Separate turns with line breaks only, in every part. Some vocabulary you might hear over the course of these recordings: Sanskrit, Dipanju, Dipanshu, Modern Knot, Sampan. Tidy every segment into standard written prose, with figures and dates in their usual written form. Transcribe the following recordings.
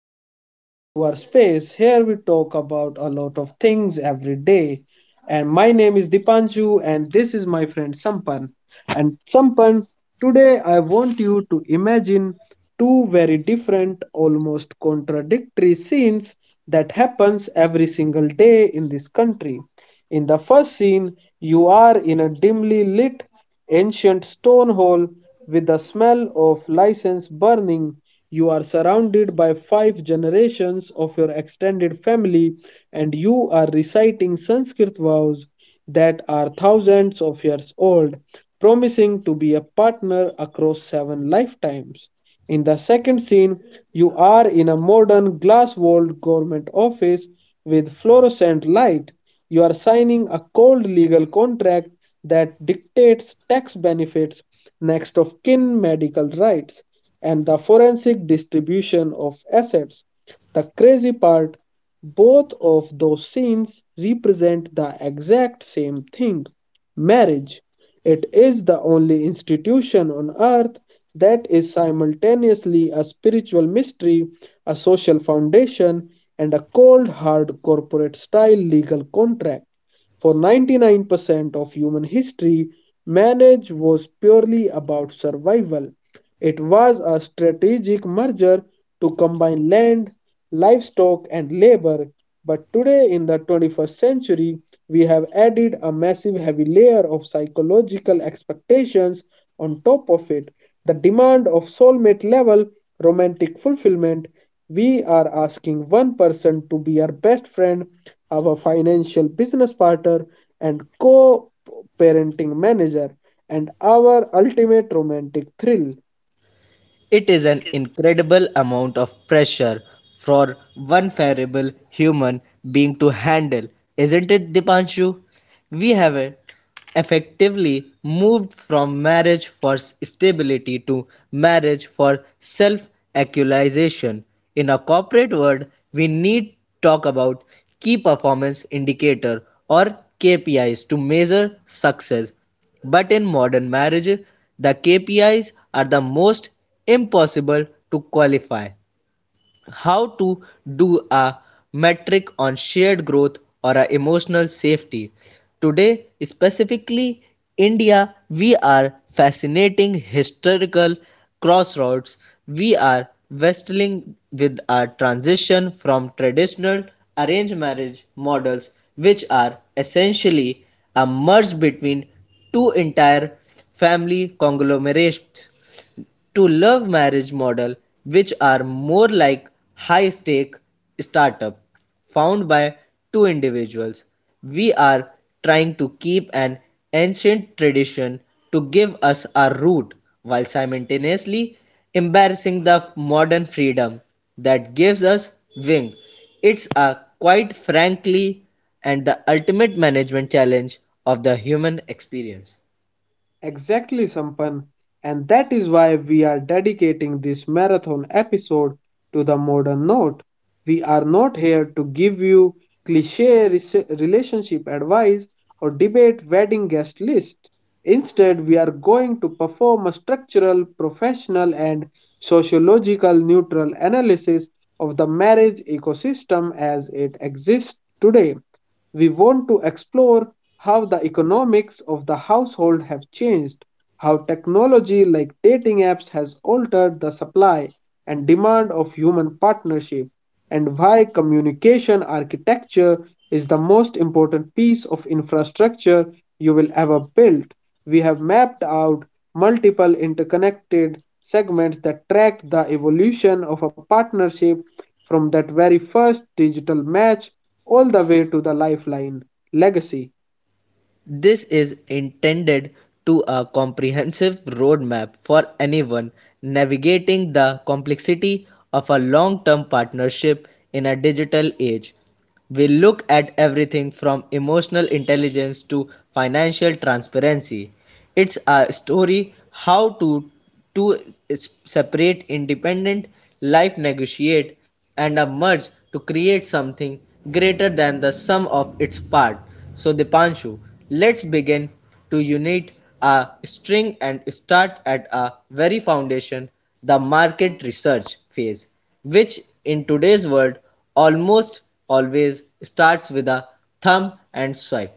Welcome back to our space. Here we talk about a lot of things every day. And my name is Dipanju and this is my friend Sampan. And Sampan, today I want you to imagine two very different, almost contradictory scenes that happens every single day in this country. In the first scene, you are in a dimly lit ancient stone hall with the smell of license burning. You are surrounded by five generations of your extended family, and you are reciting Sanskrit vows that are thousands of years old, promising to be a partner across seven lifetimes. In the second scene, you are in a modern glass walled government office with fluorescent light. You are signing a cold legal contract that dictates tax benefits, next of kin medical rights, and the forensic distribution of assets. The crazy part, both of those scenes represent the exact same thing marriage. It is the only institution on earth that is simultaneously a spiritual mystery, a social foundation, and a cold hard corporate style legal contract. For 99% of human history, marriage was purely about survival. It was a strategic merger to combine land, livestock, and labor. But today, in the 21st century, we have added a massive heavy layer of psychological expectations on top of it. The demand of soulmate level romantic fulfillment. We are asking one person to be our best friend, our financial business partner and co parenting manager, and our ultimate romantic thrill.
It is an incredible amount of pressure for one fallible human being to handle, isn't it, Dipanshu? We have effectively moved from marriage for stability to marriage for self actualization. In a corporate world, we need talk about key performance indicator or KPIs to measure success but in modern marriage, the KPIs are the most impossible to qualify how to do a metric on shared growth or a emotional safety today specifically india we are fascinating historical crossroads. We are wrestling with a transition from traditional arranged marriage models which are essentially a merge between two entire family conglomerates to love marriage model, which are more like high-stake startup found by two individuals. We are trying to keep an ancient tradition to give us our root while simultaneously embracing the modern freedom that gives us wing. It's a quite frankly and the ultimate management challenge of the human experience.
Exactly, Sampan. And that is why we are dedicating this marathon episode to the modern note. We are not here to give you cliche relationship advice or debate wedding guest list. Instead, we are going to perform a structural, professional, and sociological neutral analysis of the marriage ecosystem as it exists today. We want to explore how the economics of the household have changed, how technology like dating apps has altered the supply and demand of human partnership, and why communication architecture is the most important piece of infrastructure you will ever build. We have mapped out multiple interconnected segments that track the evolution of a partnership from that very first digital match all the way to the lifeline legacy.
This is intended to a comprehensive roadmap for anyone navigating the complexity of a long-term partnership in a digital age. We look at everything from emotional intelligence to financial transparency. It's a story how to two separate independent life negotiate and a merge to create something greater than the sum of its part. So Dipanshu, let's begin to unite a string and start at a very foundation, the market research phase, which in today's world almost always starts with a thumb and swipe.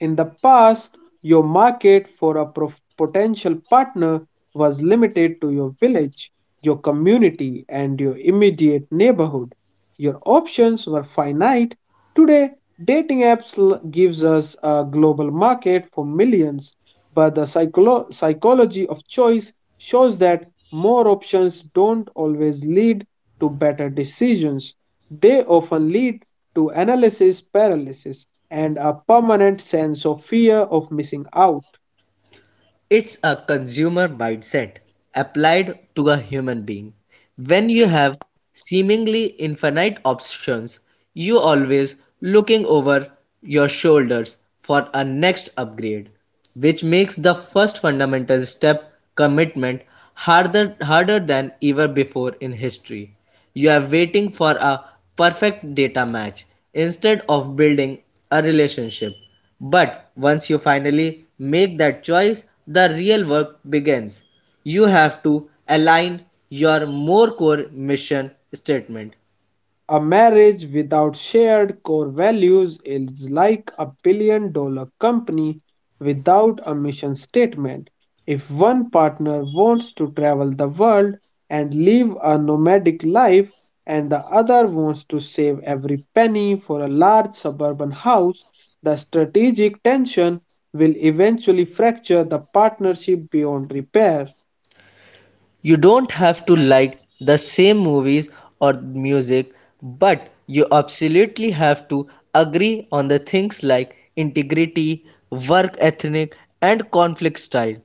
In the past, your market for a potential partner was limited to your village, your community, and your immediate neighborhood. Your options finite. Today, dating apps gives us a global market for millions, but the psychology of choice shows that more options don't always lead to better decisions. They often lead to analysis paralysis and a permanent sense of fear of missing out.
It's a consumer mindset applied to a human being. When you have seemingly infinite options, you always looking over your shoulders for a next upgrade, which makes the first fundamental step commitment harder than ever before in history. You're waiting for a perfect data match instead of building a relationship. But once you finally make that choice, the real work begins. You have to align your more core mission statement.
A marriage without shared core values is like $1 billion company without a mission statement. If one partner wants to travel the world and live a nomadic life, and the other wants to save every penny for a large suburban house, the strategic tension will eventually fracture the partnership beyond repair.
You don't have to like the same movies or music, but you absolutely have to agree on the things like integrity, work ethic, and conflict style.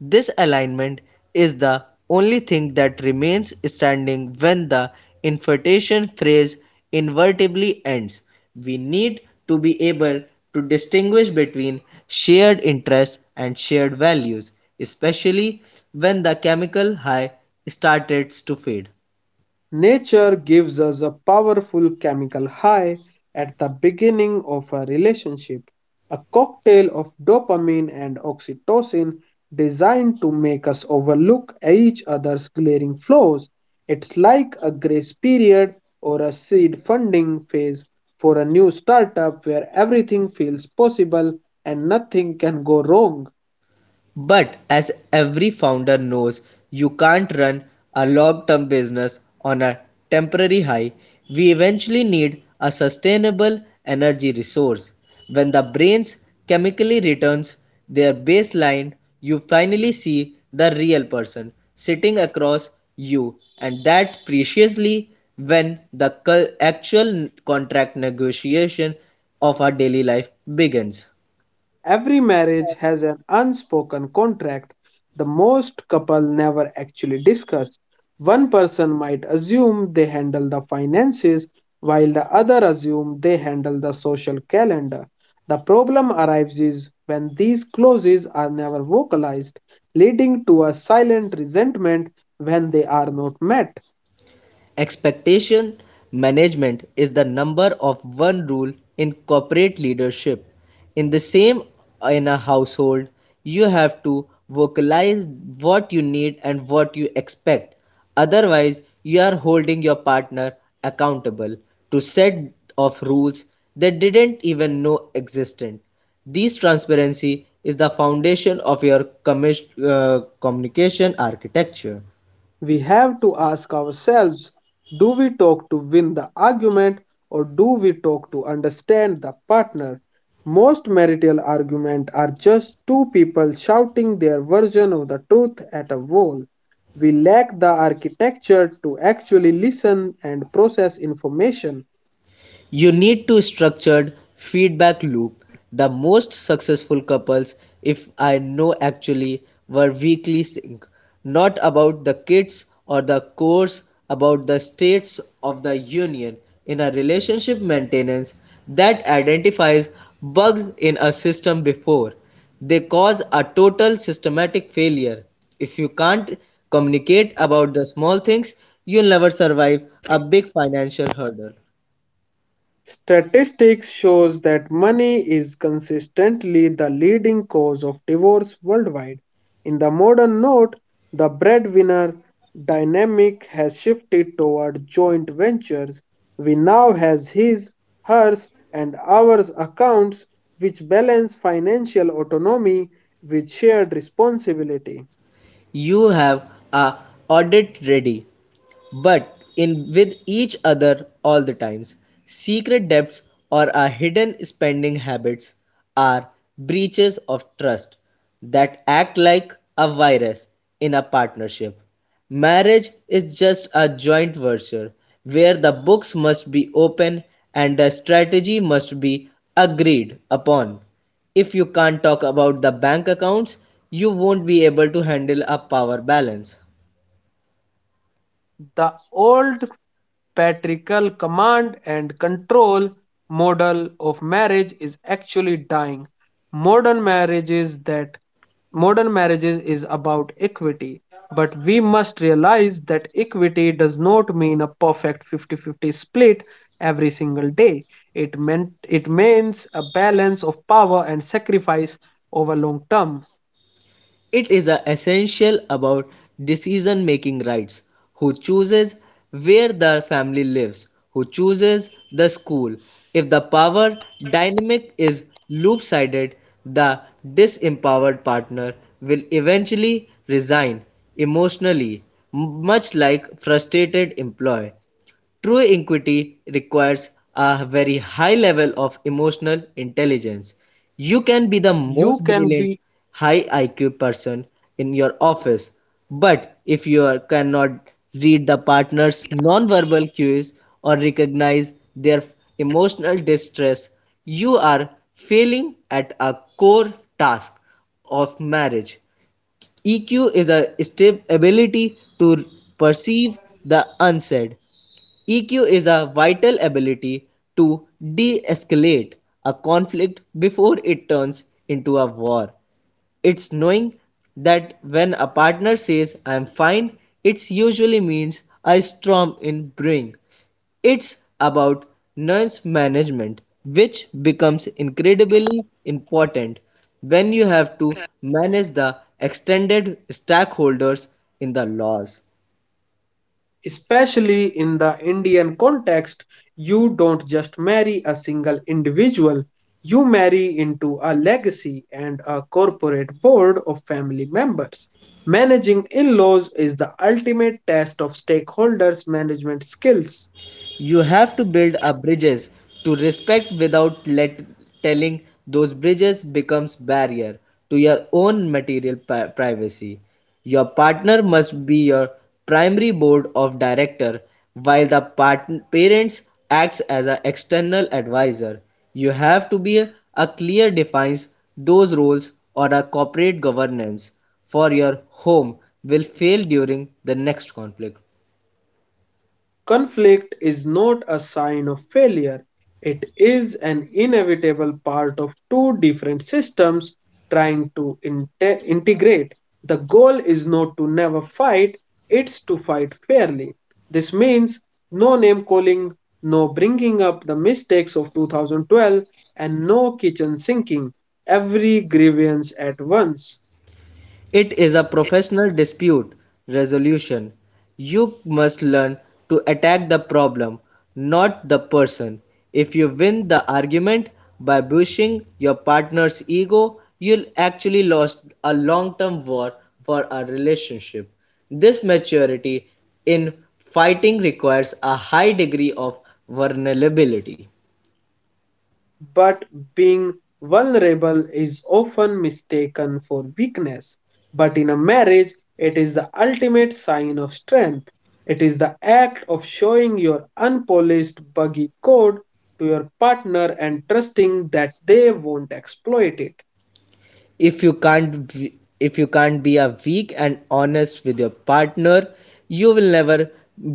This alignment is the only thing that remains standing when the invertation phrase inevitably ends. We need to be able to distinguish between shared interests and shared values, especially when the chemical high starts to fade.
Nature gives us a powerful chemical high at the beginning of a relationship, a cocktail of dopamine and oxytocin designed to make us overlook each other's glaring flaws. It's like a grace period or a seed funding phase for a new startup where everything feels possible and nothing can go wrong.
But as every founder knows, you can't run a long-term business on a temporary high. We eventually need a sustainable energy resource. When the brain's chemically returns their baseline, you finally see the real person sitting across you and that preciously when the actual contract negotiation of our daily life begins.
Every marriage has an unspoken contract the most couple never actually discuss. One person might assume they handle the finances while the other assume they handle the social calendar. The problem arrives is when these clauses are never vocalized, leading to a silent resentment when they are not met.
Expectation management is the number of one rule in corporate leadership. In the same in a household, you have to vocalize what you need and what you expect. Otherwise, you are holding your partner accountable to set of rules they didn't even know existed. This transparency is the foundation of your communication architecture.
We have to ask ourselves, do we talk to win the argument or do we talk to understand the partner? Most marital arguments are just two people shouting their version of the truth at a wall. We lack the architecture to actually listen and process information.
You need to structured feedback loop. The most successful couples if I know actually were weekly sync, not about the kids or the course, about the states of the union in a relationship maintenance that identifies bugs in a system before they cause a total systematic failure. If you can't communicate about the small things, you'll never survive a big financial hurdle.
Statistics shows that money is consistently the leading cause of divorce worldwide. In the modern note, the breadwinner dynamic has shifted toward joint ventures. We now has his, hers, and ours accounts which balance financial autonomy with shared responsibility.
You have a audit ready but in with each other all the times. Secret debts or our hidden spending habits are breaches of trust that act like a virus in a partnership. Marriage is just a joint venture where the books must be open and the strategy must be agreed upon. If you can't talk about the bank accounts, you won't be able to handle a power balance.
The old patriarchal command and control model of marriage is actually dying. Modern marriages that modern marriages is about equity, but we must realize that equity does not mean a perfect 50-50 split every single day. It means a balance of power and sacrifice over long term.
It is essential about decision-making rights: who chooses where the family lives, who chooses the school. If the power dynamic is loop-sided, the disempowered partner will eventually resign emotionally, much like frustrated employee. True equity requires a very high level of emotional intelligence. You can be the
You
most
can
brilliant
be
high IQ person in your office, but if you are- cannot read the partner's nonverbal cues or recognize their emotional distress, you are failing at a core task of marriage. EQ is a ability to perceive the unsaid. EQ is a vital ability to de-escalate a conflict before it turns into a war. It's knowing that when a partner says I'm fine, it usually means a storm in brewing. It's about nuance management, which becomes incredibly important when you have to manage the extended stakeholders in the laws.
Especially in the Indian context, you don't just marry a single individual, you marry into a legacy and a corporate board of family members. Managing in laws is the ultimate test of stakeholders' management skills.
You have to build up bridges to respect without let telling those bridges becomes barrier to your own material privacy. Your partner must be your primary board of director while the parents acts as an external advisor. You have to be a clear defines those roles or a corporate governance for your home will fail during the next conflict.
Conflict is not a sign of failure, it is an inevitable part of two different systems trying to integrate. The goal is not to never fight, to fight fairly. This means no name calling, no bringing up the mistakes of 2012, and no kitchen sinking every grievance at once.
It is a professional dispute resolution. You must learn to attack the problem, not the person. If you win the argument by pushing your partner's ego, you'll actually lost a long-term war for a relationship. This maturity in fighting requires a high degree of vulnerability.
But being vulnerable is often mistaken for weakness. But in a marriage, it is the ultimate sign of strength. It is the act of showing your unpolished, buggy code to your partner and trusting that they won't exploit it.
if you can't if you can't be a weak and honest with your partner, you will never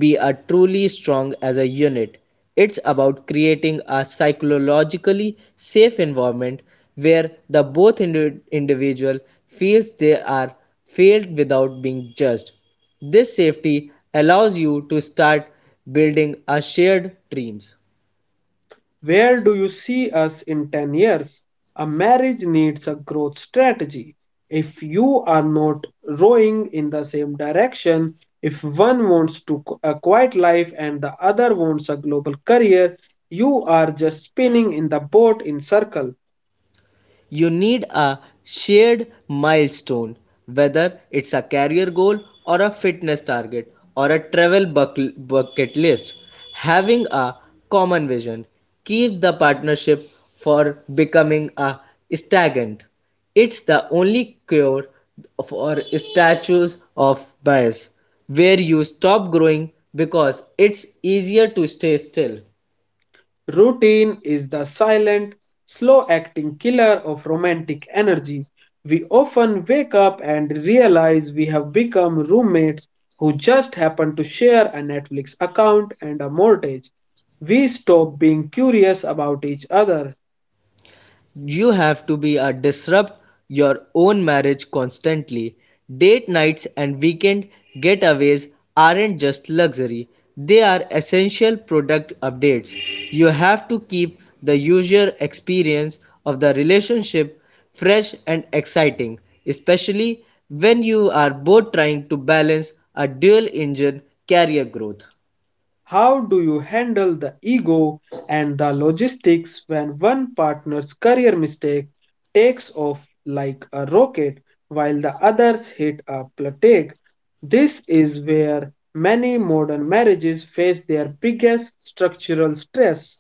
be a truly strong as a unit. It's about creating a psychologically safe environment where the both individual feels they are failed without being judged. This safety allows you to start building a shared dreams.
Where do you see us in 10 years? A marriage needs a growth strategy. If you are not rowing in the same direction, if one wants to a quiet life and the other wants a global career, you are just spinning in the boat in circles.
You need a shared milestone, whether it's a career goal or a fitness target or a travel bucket list. Having a common vision keeps the partnership for becoming a stagnant. It's the only cure for statues of bias, where you stop growing because it's easier to stay still.
Routine is the silent, slow acting killer of romantic energy. We often wake up and realize we have become roommates who just happen to share a Netflix account and a mortgage. We stop being curious about each other.
You have to be a disrupt your own marriage constantly. Date nights and weekend getaways aren't just luxury. They are essential product updates. You have to keep the user experience of the relationship fresh and exciting, especially when you are both trying to balance a dual engine career growth.
How do you handle the ego and the logistics when one partner's career mistake takes off like a rocket while the others hit a plateau? This is where many modern marriages face their biggest structural stress.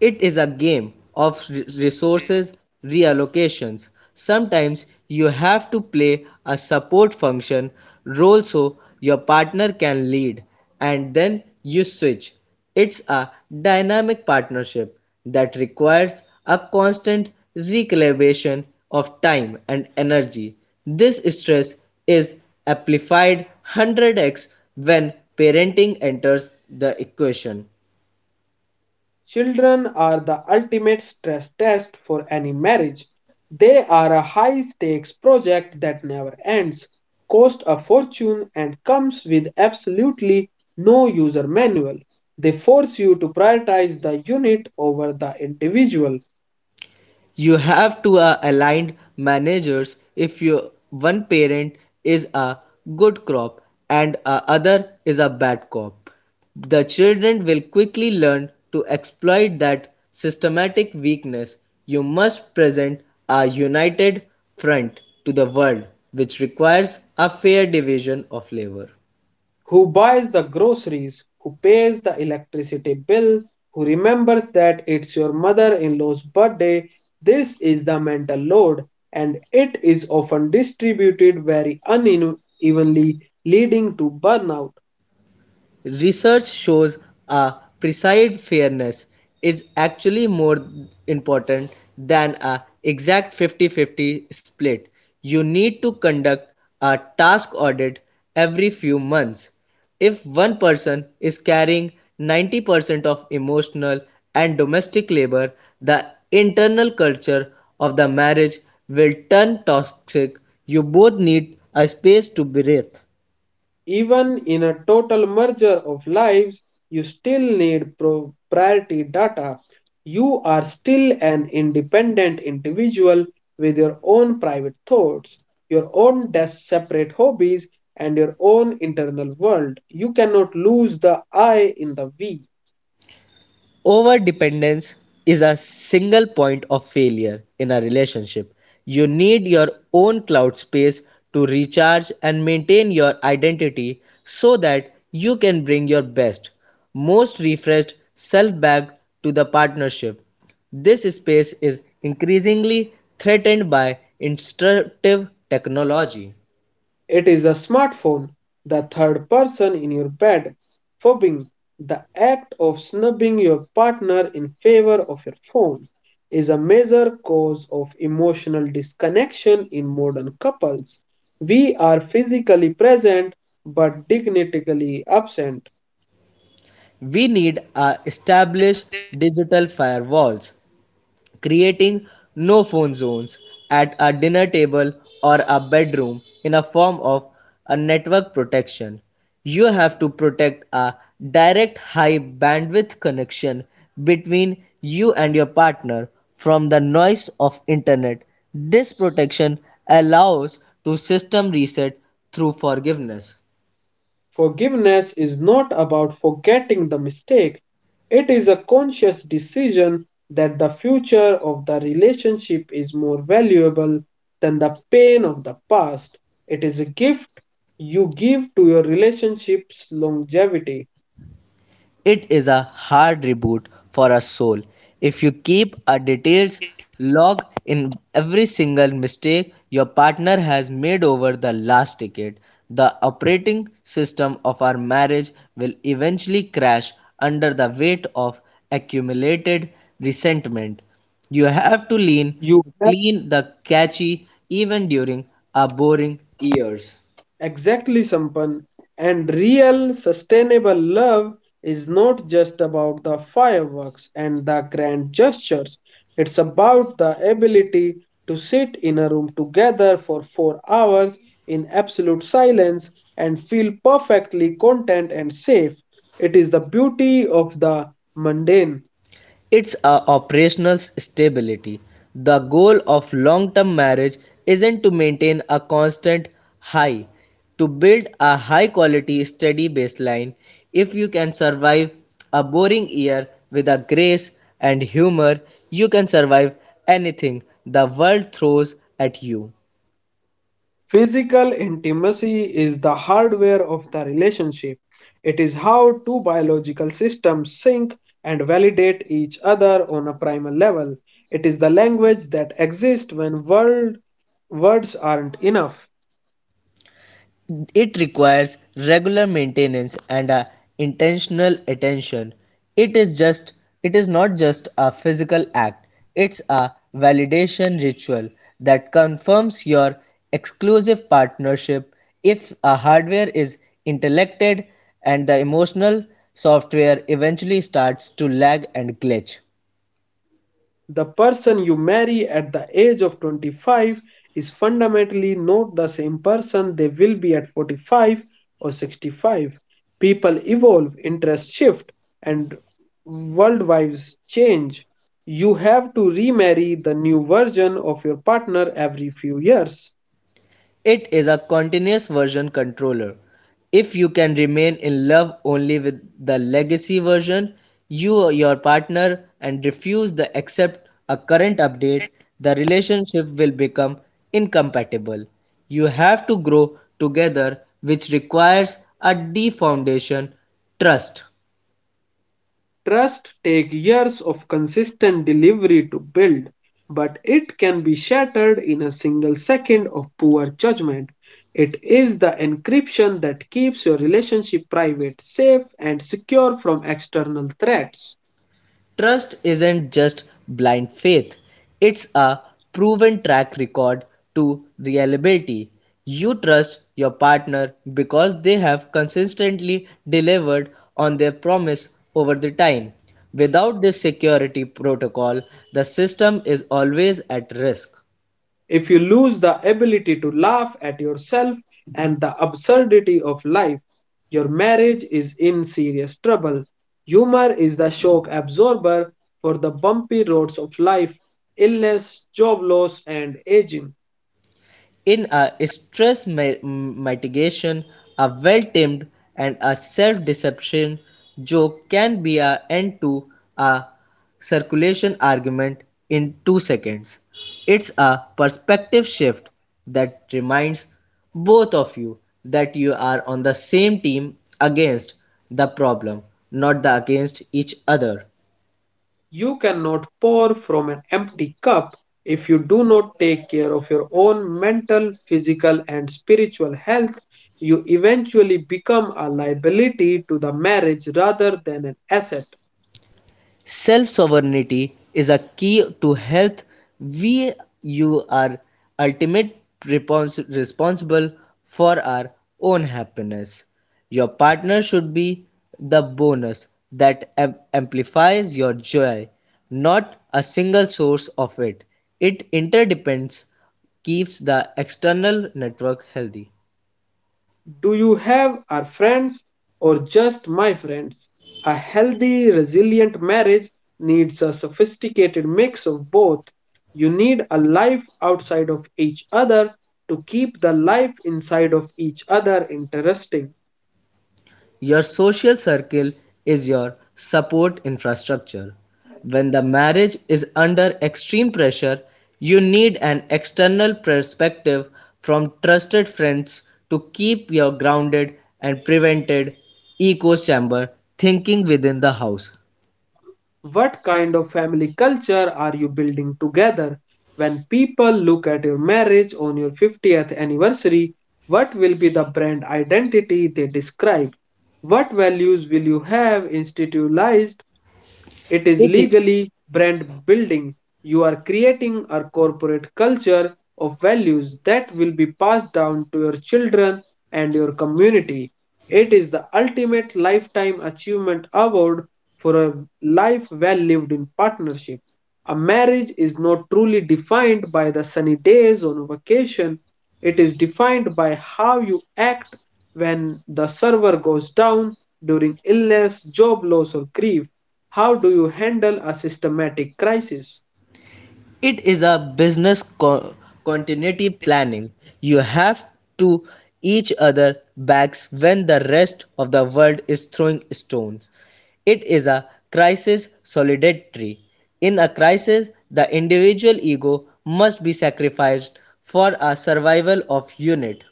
It is a game of resources reallocations. Sometimes you have to play a support function role so your partner can lead, and then you switch. It's a dynamic partnership that requires a constant recalibration of time and energy. This stress is amplified 100x when parenting enters the equation.
Children are the ultimate stress test for any marriage. They are a high stakes project that never ends, cost a fortune, and comes with absolutely no user manual. They force you to prioritize the unit over the individual.
You have to aligned managers. If your one parent is a good crop and a other is a bad crop, the children will quickly learn to exploit that systematic weakness. You must present a united front to the world, which requires a fair division of labor.
Who buys the groceries, who pays the electricity bill, who remembers that it's your mother in law's birthday. This is the mental load, and it is often distributed very unevenly, leading to burnout.
Research shows a precise fairness is actually more important than a exact 50-50 split. You need to conduct a task audit every few months. If one person is carrying 90% of emotional and domestic labor, the internal culture of the marriage will turn toxic. You both need a space to breathe.
Even in a total merger of lives, you still need proprietary data. You are still an independent individual with your own private thoughts, your own separate hobbies, and your own internal world. You cannot lose the I in the we.
Overdependence is a single point of failure in a relationship. You need your own cloud space to recharge and maintain your identity so that you can bring your best, most refreshed self back to the partnership. This space is increasingly threatened by instructive technology.
It is a smartphone, the third person in your bed. Phobbing, the act of snubbing your partner in favor of your phone, is a major cause of emotional disconnection in modern couples. We are physically present but dignitically absent.
We need a established digital firewalls creating no-phone zones at a dinner table or a bedroom in a form of a network protection. You have to protect a direct high bandwidth connection between you and your partner from the noise of internet. This protection allows to system reset through forgiveness.
Forgiveness is not about forgetting the mistake, it is a conscious decision that the future of the relationship is more valuable than the pain of the past. It is a gift you give to your relationship's longevity.
It is a hard reboot for our soul. If you keep a detailed log in every single mistake your partner has made over the last decade, the operating system of our marriage will eventually crash under the weight of accumulated resentment. You have to lean
You
to clean the catchy even during our boring years.
Exactly, Sampan. And real, sustainable love is not just about the fireworks and the grand gestures. It's about the ability to sit in a room together for 4 hours in absolute silence and feel perfectly content and safe. It is the beauty of the mundane.
It's a operational stability. The goal of long term marriage isn't to maintain a constant high to build a high quality steady baseline. If you can survive a boring year with a grace and humor, you can survive anything the world throws at you.
Physical intimacy is the hardware of the relationship. It is how two biological systems sync and validate each other on a primal level. It is the language that exists when words aren't enough.
It requires regular maintenance and a intentional attention. It is just it is not just a physical act. It's a validation ritual that confirms your exclusive partnership. If a hardware is intellected and the emotional software eventually starts to lag and glitch.
The person you marry at the age of 25 is fundamentally not the same person they will be at 45 or 65. People interests shift, and worldviews change. You have to remarry the new version of your partner every few years.
It is a continuous version controller. If you can remain in love only with the legacy version, you or your partner and refuse to accept a current update, the relationship will become incompatible. You have to grow together, which requires a deep foundation, trust.
Trust takes years of consistent delivery to build, but it can be shattered in a single second of poor judgment. It is the encryption that keeps your relationship private, safe, and secure from external threats.
Trust isn't just blind faith, it's a proven track record to reliability. You trust your partner because they have consistently delivered on their promise over the time. Without this security protocol, the system is always at risk.
If you lose the ability to laugh at yourself and the absurdity of life, your marriage is in serious trouble. Humor is the shock absorber for the bumpy roads of life, illness, job loss, and aging.
In a stress mitigation, a well-timed and a self-deception joke can be an end to a circulation argument in 2 seconds. It's a perspective shift that reminds both of you that you are on the same team against the problem, not the against each other.
You cannot pour from an empty cup if you do not take care of your own mental, physical, and spiritual health. You eventually become a liability to the marriage rather than an asset.
Self sovereignty is a key to health. We you are ultimate responsible for our own happiness. Your partner should be the bonus that amplifies your joy, not a single source of it. It interdepends, keeps the external network healthy.
Do you have our friends or just my friends? A healthy, resilient marriage needs a sophisticated mix of both. You need a life outside of each other to keep the life inside of each other interesting.
Your social circle is your support infrastructure. When the marriage is under extreme pressure, you need an external perspective from trusted friends to keep you grounded and prevented echo chamber thinking within the house.
What kind of family culture are you building together? When people look at your marriage on your 50th anniversary, what will be the brand identity they describe? What values will you have institutionalized, it is
It is.
legally brand building. You are creating a corporate culture of values that will be passed down to your children and your community. It is the ultimate lifetime achievement award for a life well lived in partnership. A marriage is not truly defined by the sunny days on vacation. It is defined by how you act when the server goes down during illness, job loss, or grief. How do you handle a systematic crisis?
It is a business continuity planning you have to each other backs when the rest of the world is throwing stones. It is a crisis solidarity. In a crisis the individual ego must be sacrificed for a survival of unit.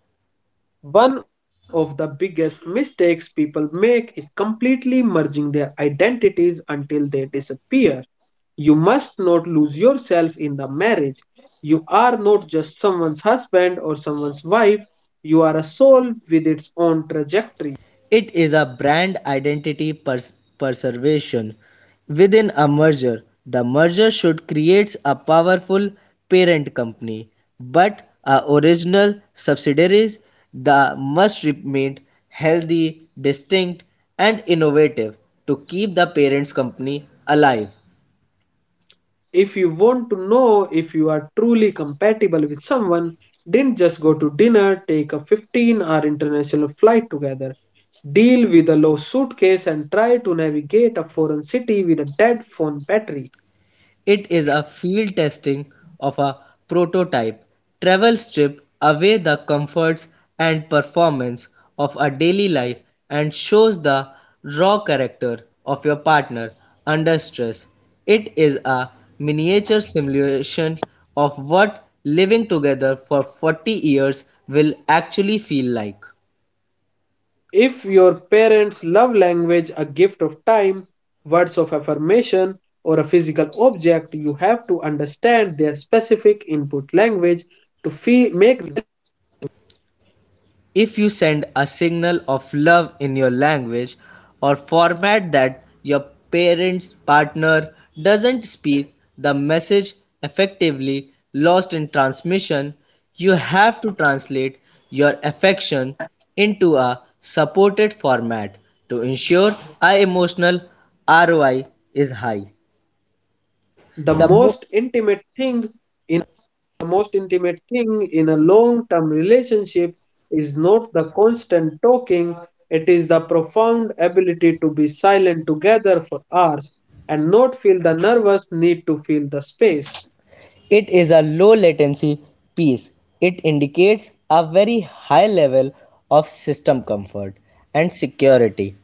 One of the biggest mistakes people make is completely merging their identities until they disappear. You must not lose yourself in the marriage. You are not just someone's husband or someone's wife, you are a soul with its own trajectory.
It is a brand identity preservation. Within a merger, the merger should create a powerful parent company, but a original subsidiaries the must remain healthy, distinct, and innovative to keep the parent company alive.
If you want to know if you are truly compatible with someone, didn't just go to dinner, take a 15-hour international flight together, deal with a low suitcase, and try to navigate a foreign city with a dead phone battery.
It is a field testing of a prototype travel strip away the comforts and performance of a daily life and shows the raw character of your partner under stress. It is a miniature simulation of what living together for 40 years will actually feel like.
If your parents' love language, a gift of time, words of affirmation, or a physical object, you have to understand their specific input language to feel, make
If you send a signal of love in your language or format that your parent's partner doesn't speak, the message effectively lost in transmission. You have to translate your affection into a supported format to ensure a emotional ROI is high.
the
The, mo-
most intimate thing the most intimate thing in a long term relationship is not the constant talking, it is the profound ability to be silent together for hours and not feel the nervous need to fill the space.
It is a low latency piece. It indicates a very high level of system comfort and security.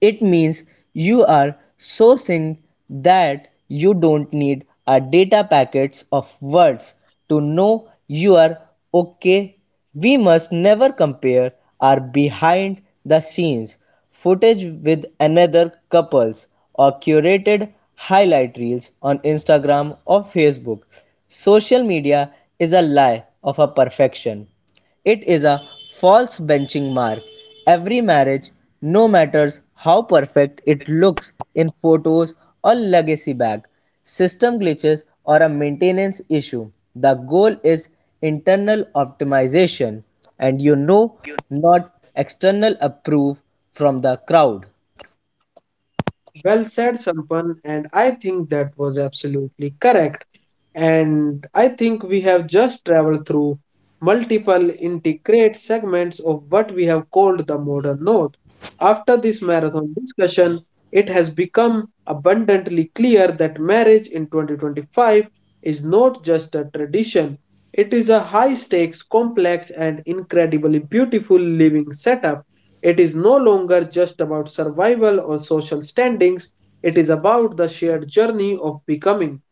It means you are sourcing that you don't need a data packets of words to know you are okay. We must never compare our behind the scenes footage with another couple's or curated highlight reels on Instagram or Facebook. Social media is a lie of a perfection. It is a false benchmark; every marriage, no matter how perfect it looks in photos or legacy bag, system glitches or a maintenance issue. The goal is internal optimization and not external approval from the crowd.
Well said, Sampan, and I think that was absolutely correct. And I think we have just traveled through multiple integrate segments of what we have called the modern note. After this marathon discussion, it has become abundantly clear that marriage in 2025 is not just a tradition, it is a high stakes, complex, and incredibly beautiful living setup. It is no longer just about survival or social standings, it is about the shared journey of becoming.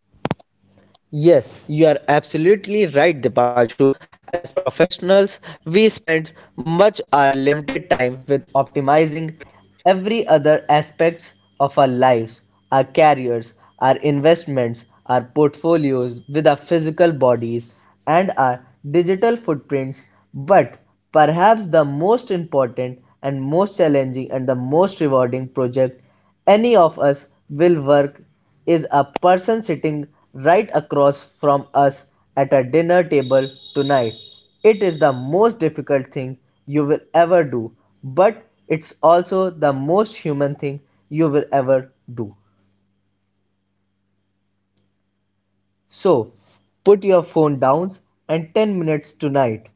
Yes, you are absolutely right, Dipanshu. As professionals, we spend much our limited time with optimizing every other aspects of our lives, our careers, our investments, our portfolios with our physical bodies and our digital footprints. But perhaps the most important and most challenging and the most rewarding project "Any of us will work" is a person sitting right across from us at a dinner table tonight. It is the most difficult thing you will ever do, but it's also the most human thing you will ever do. So, put your phone down and 10 minutes tonight.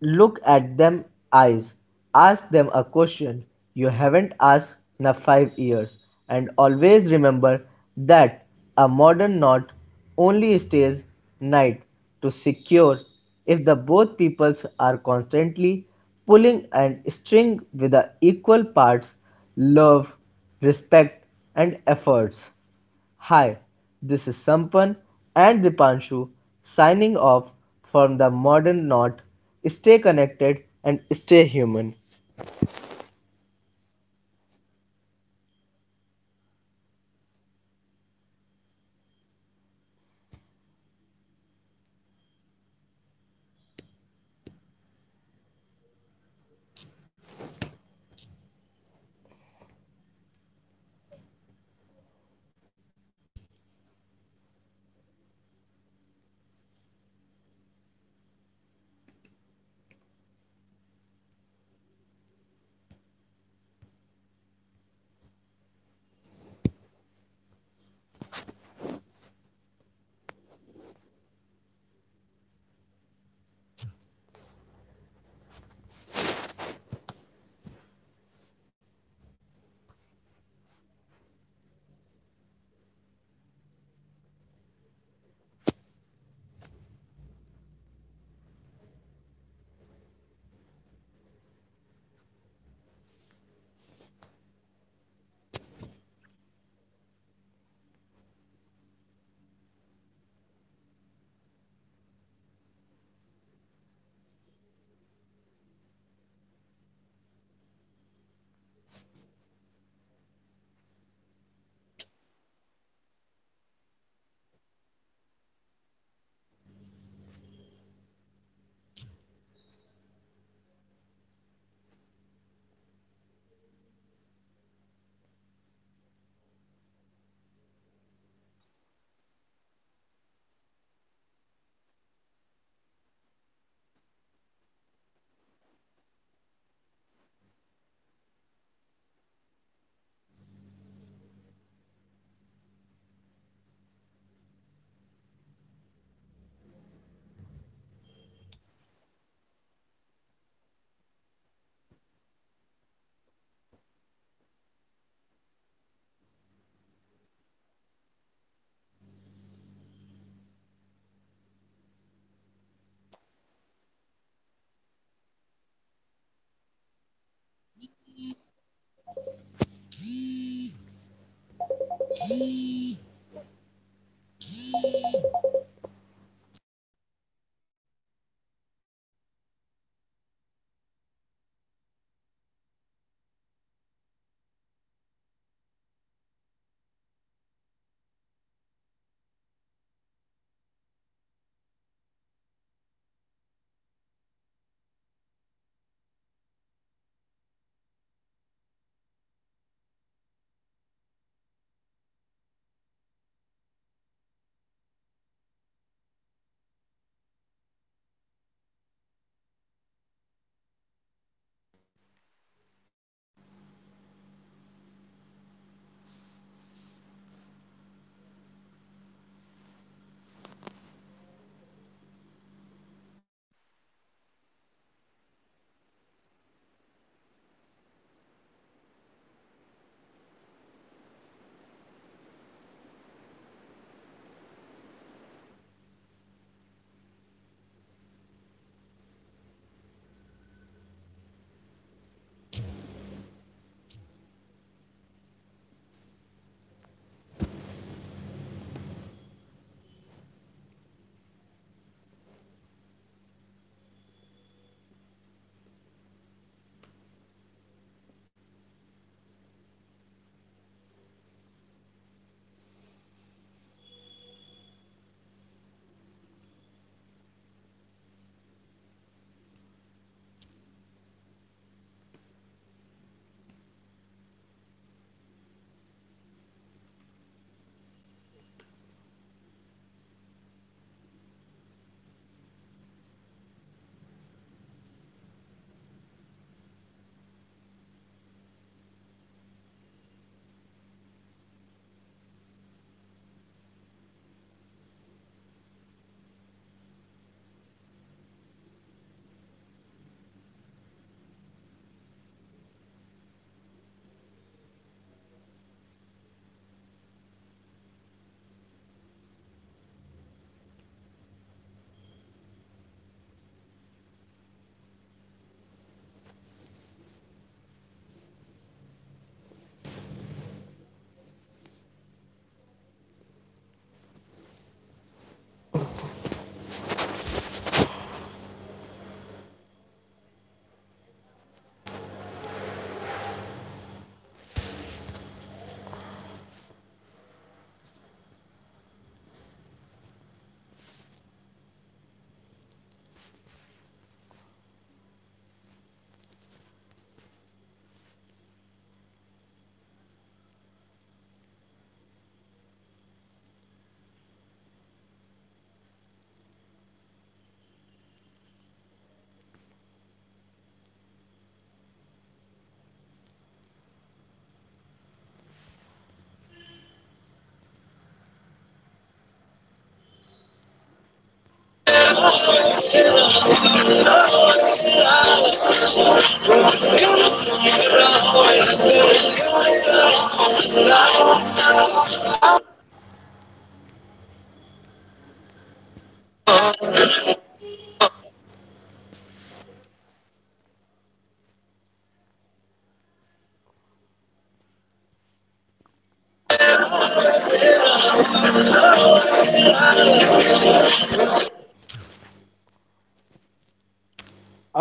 Look at them eyes, ask them a question you haven't asked in a 5 years, and always remember that a modern knot only stays tight to secure if the both peoples are constantly pulling and string with the equal parts love, respect, and efforts. Hi, this is Sampan and Dipanshu signing off from the Modern Knot. Stay connected and stay human.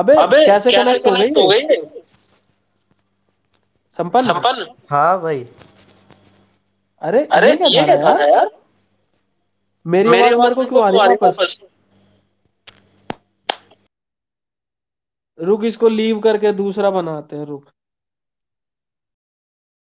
अबे! कैसे connect हो गई ये? संपन्न, अरे ये क्या दिखा रहा है यार? मेरी आवाज़ मेरे को क्यों आ रही है वापस? रुक इसको लीव करके दूसरा बनाते हैं रुक।